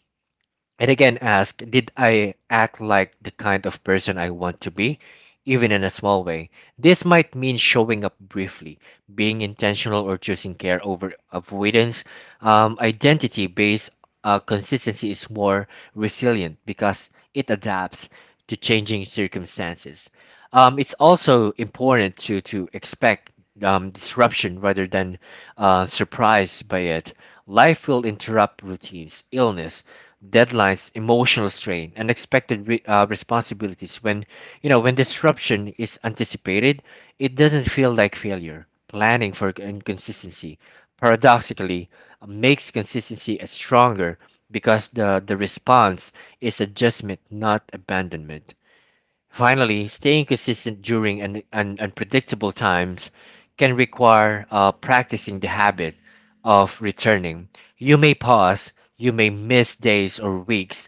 Speaker 1: and again, ask, did I act like the kind of person I want to be, even in a small way? This might mean showing up briefly, being intentional, or choosing care over avoidance. Identity based consistency is more resilient because it adapts to changing circumstances. It's also important to expect disruption rather than surprised by it. Life will interrupt routines, illness, deadlines, emotional strain, unexpected responsibilities. When you know when disruption is anticipated, it doesn't feel like failure. Planning for inconsistency, paradoxically, makes consistency a stronger because the response is adjustment, not abandonment. Finally, staying consistent during an, un unpredictable times can require practicing the habit of returning. You may pause, you may miss days or weeks,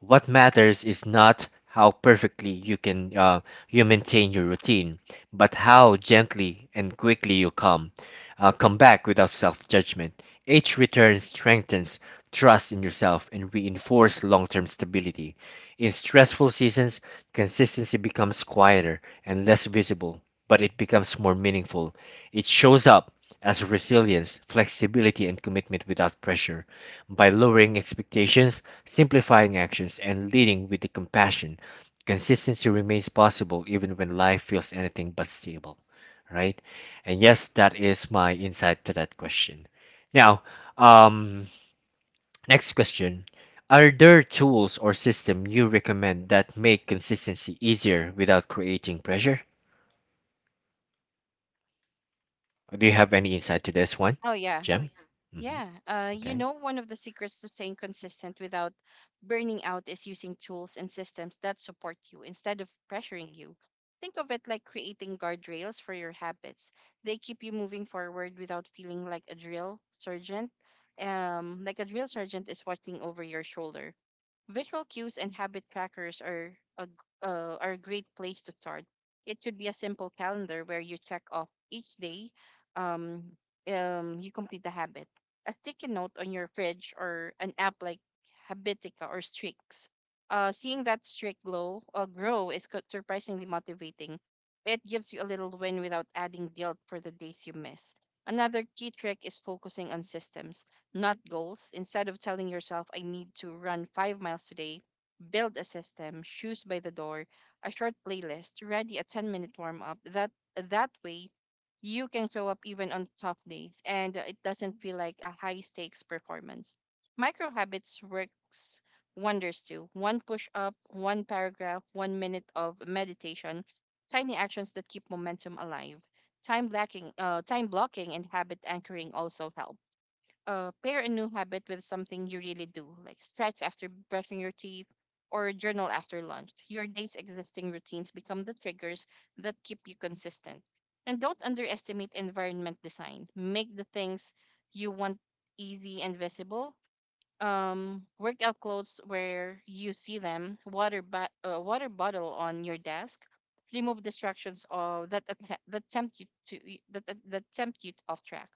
Speaker 1: what matters is not how perfectly you can you maintain your routine, but how gently and quickly you come back without self-judgment. Each return strengthens trust in yourself and reinforces long-term stability. In stressful seasons, consistency becomes quieter and less visible, but it becomes more meaningful. It shows up as resilience, flexibility, and commitment without pressure by lowering expectations, simplifying actions, and leading with the compassion, consistency remains possible even when life feels anything but stable, right? And yes, that is my insight to that question. Now, um, next question. Are there tools or system you recommend that make consistency easier without creating pressure? Do you have any insight to this one,
Speaker 2: Oh, yeah.
Speaker 1: Jem? Hmm.
Speaker 2: Yeah,
Speaker 1: Okay.
Speaker 2: one of the secrets to staying consistent without burning out is using tools and systems that support you instead of pressuring you. Think of it like creating guardrails for your habits. They keep you moving forward without feeling like a drill sergeant. Like a drill sergeant is watching over your shoulder. Visual cues and habit trackers are a great place to start. It could be a simple calendar where you check off each day um, you complete the habit, a sticky note on your fridge, or an app like Habitica or Strix. Seeing that streak glow grow is surprisingly motivating. It gives you a little win without adding guilt for the days you miss. Another key trick is focusing on systems, not goals. Instead of telling yourself, I need to run 5 miles today, build a system: shoes by the door, a short playlist, ready a 10-minute warm up. That way, you can show up even on tough days and it doesn't feel like a high stakes performance. Micro habits works wonders too. One push up, one paragraph, 1 minute of meditation, tiny actions that keep momentum alive. Time blocking and habit anchoring also help pair a new habit with something you really do, like stretch after brushing your teeth or journal after lunch. Your day's existing routines become the triggers that keep you consistent. And don't underestimate environment design. Make the things you want easy and visible. Workout clothes where you see them, water bottle on your desk, remove distractions of that attempt that tempt you to that tempt you off track.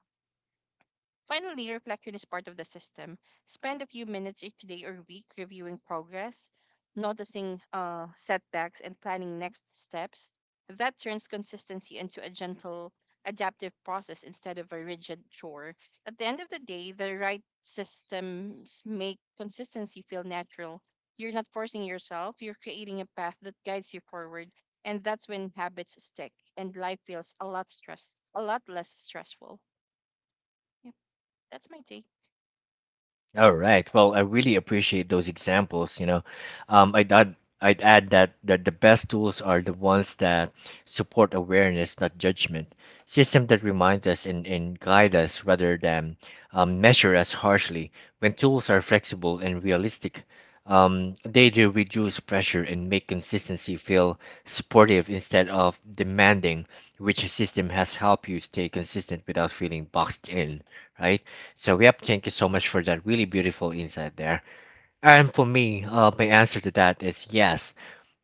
Speaker 2: Finally, reflection is part of the system. Spend a few minutes each day or week reviewing progress, noticing setbacks, and planning next steps. That turns consistency into a gentle, adaptive process instead of a rigid chore. At the end of the day, the right systems make consistency feel natural. You're not forcing yourself, you're creating a path that guides you forward. And that's when habits stick and life feels a lot less stressful. Yep, that's my take.
Speaker 1: All right. Well, I really appreciate those examples. You know, um, I'd add, I'd add that that the best tools are the ones that support awareness, not judgment. Systems that remind us and guide us rather than measure us harshly. When tools are flexible and realistic, they do reduce pressure and make consistency feel supportive instead of demanding, which system has helped you stay consistent without feeling boxed in, right? So, yep, thank you so much for that really beautiful insight there. And for me, my answer to that is yes.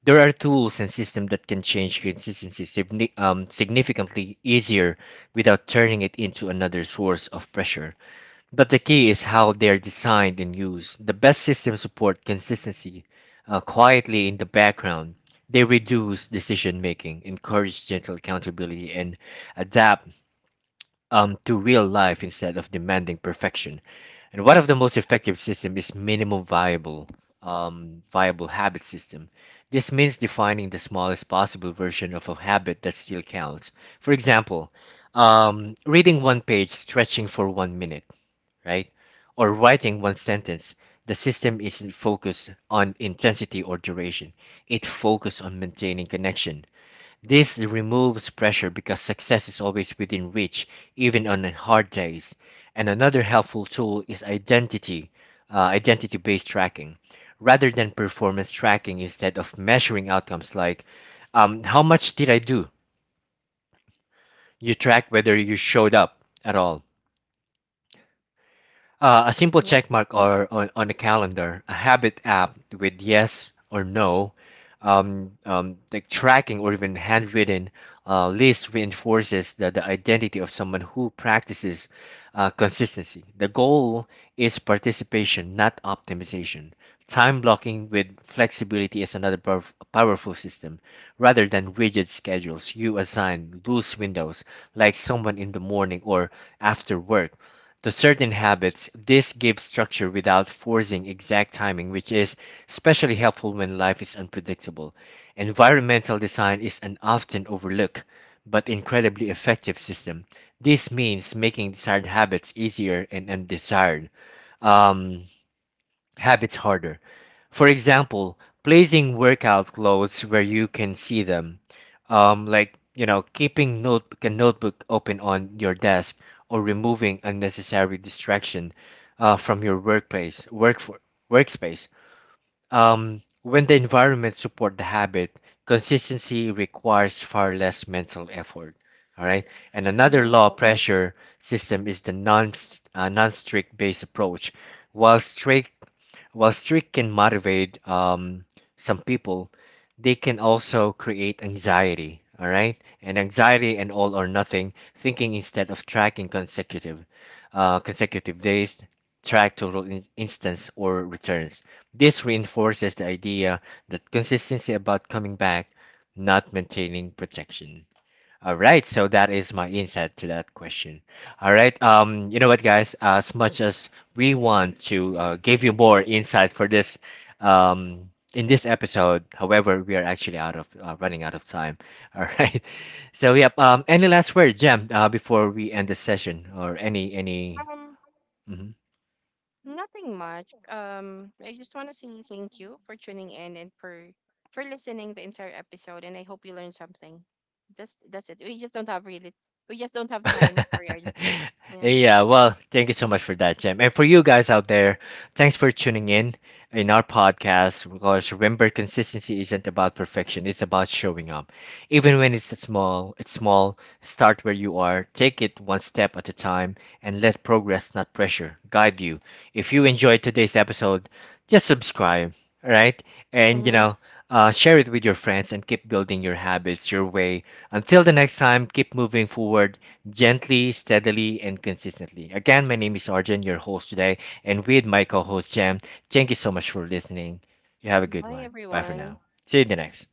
Speaker 1: There are tools and systems that can change consistency significantly easier without turning it into another source of pressure. But the key is how they're designed and used. The best systems support consistency quietly in the background. They reduce decision making, encourage gentle accountability, and adapt to real life instead of demanding perfection. And one of the most effective system is minimum viable viable habit system. This means defining the smallest possible version of a habit that still counts. For example, reading one page, stretching for one minute, right? Or writing one sentence. The system isn't focused on intensity or duration. It focuses on maintaining connection. This removes pressure because success is always within reach, even on hard days. And another helpful tool is identity-based tracking. Rather than performance tracking, instead of measuring outcomes like how much did I do, you track whether you showed up at all. A simple
Speaker 2: Mhm,
Speaker 1: check mark or on a calendar, a habit app with yes or no, like tracking or even handwritten list reinforces the identity of someone who practices consistency. The goal is participation, not optimization. Time blocking with flexibility is another powerful system. Rather than rigid schedules, you assign loose windows like someone in the morning or after work to certain habits, this gives structure without forcing exact timing, which is especially helpful when life is unpredictable. Environmental design is an often overlooked but incredibly effective system. This means making desired habits easier and undesired. Um, Habits harder. For example, placing workout clothes where you can see them, like you know, keeping note a notebook open on your desk or removing unnecessary distraction from your workspace. When the environment support the habit, consistency requires far less mental effort. All right, and another
Speaker 2: mhm.
Speaker 1: law pressure system is the non strict based approach. While strict while streak can motivate some people, they can also create anxiety, all right? And anxiety and all or nothing thinking instead of tracking consecutive days, track total instance or returns. This reinforces the idea that consistency about coming back, not maintaining protection. All right, so that is my insight to that question. All right, you know what, guys? As much as we want to give you more insight for this, in this episode, however, we are actually out of running out of time. All right, so yep. Any last word, Jam, before we end the session, or any any?
Speaker 2: Um,
Speaker 1: Mm-hmm.
Speaker 2: Nothing much. I just want to say thank you for tuning in and for listening the entire episode, and I hope you learned something. Just that's it. We just don't have time. Sorry, Arjun. Yeah.
Speaker 1: yeah, well, thank you so much for that, Jim. And for you guys out there, thanks for tuning in our podcast. Because remember, consistency isn't about perfection; it's about showing up. Even when it's small, it's small. Start where you are. Take it one step at a time, and let progress, not pressure, guide you. If you enjoyed today's episode, just subscribe, all right? And you
Speaker 2: Mm-hmm.
Speaker 1: know, share it with your friends and keep building your habits your way. Until the next time, keep moving forward gently, steadily, and consistently. Again, my name is Arjun, your host today, and with my co host, Jam. Thank you so much for listening. You have a good
Speaker 2: Bye,
Speaker 1: one. Bye for now.
Speaker 2: everyone.
Speaker 1: See you in the next.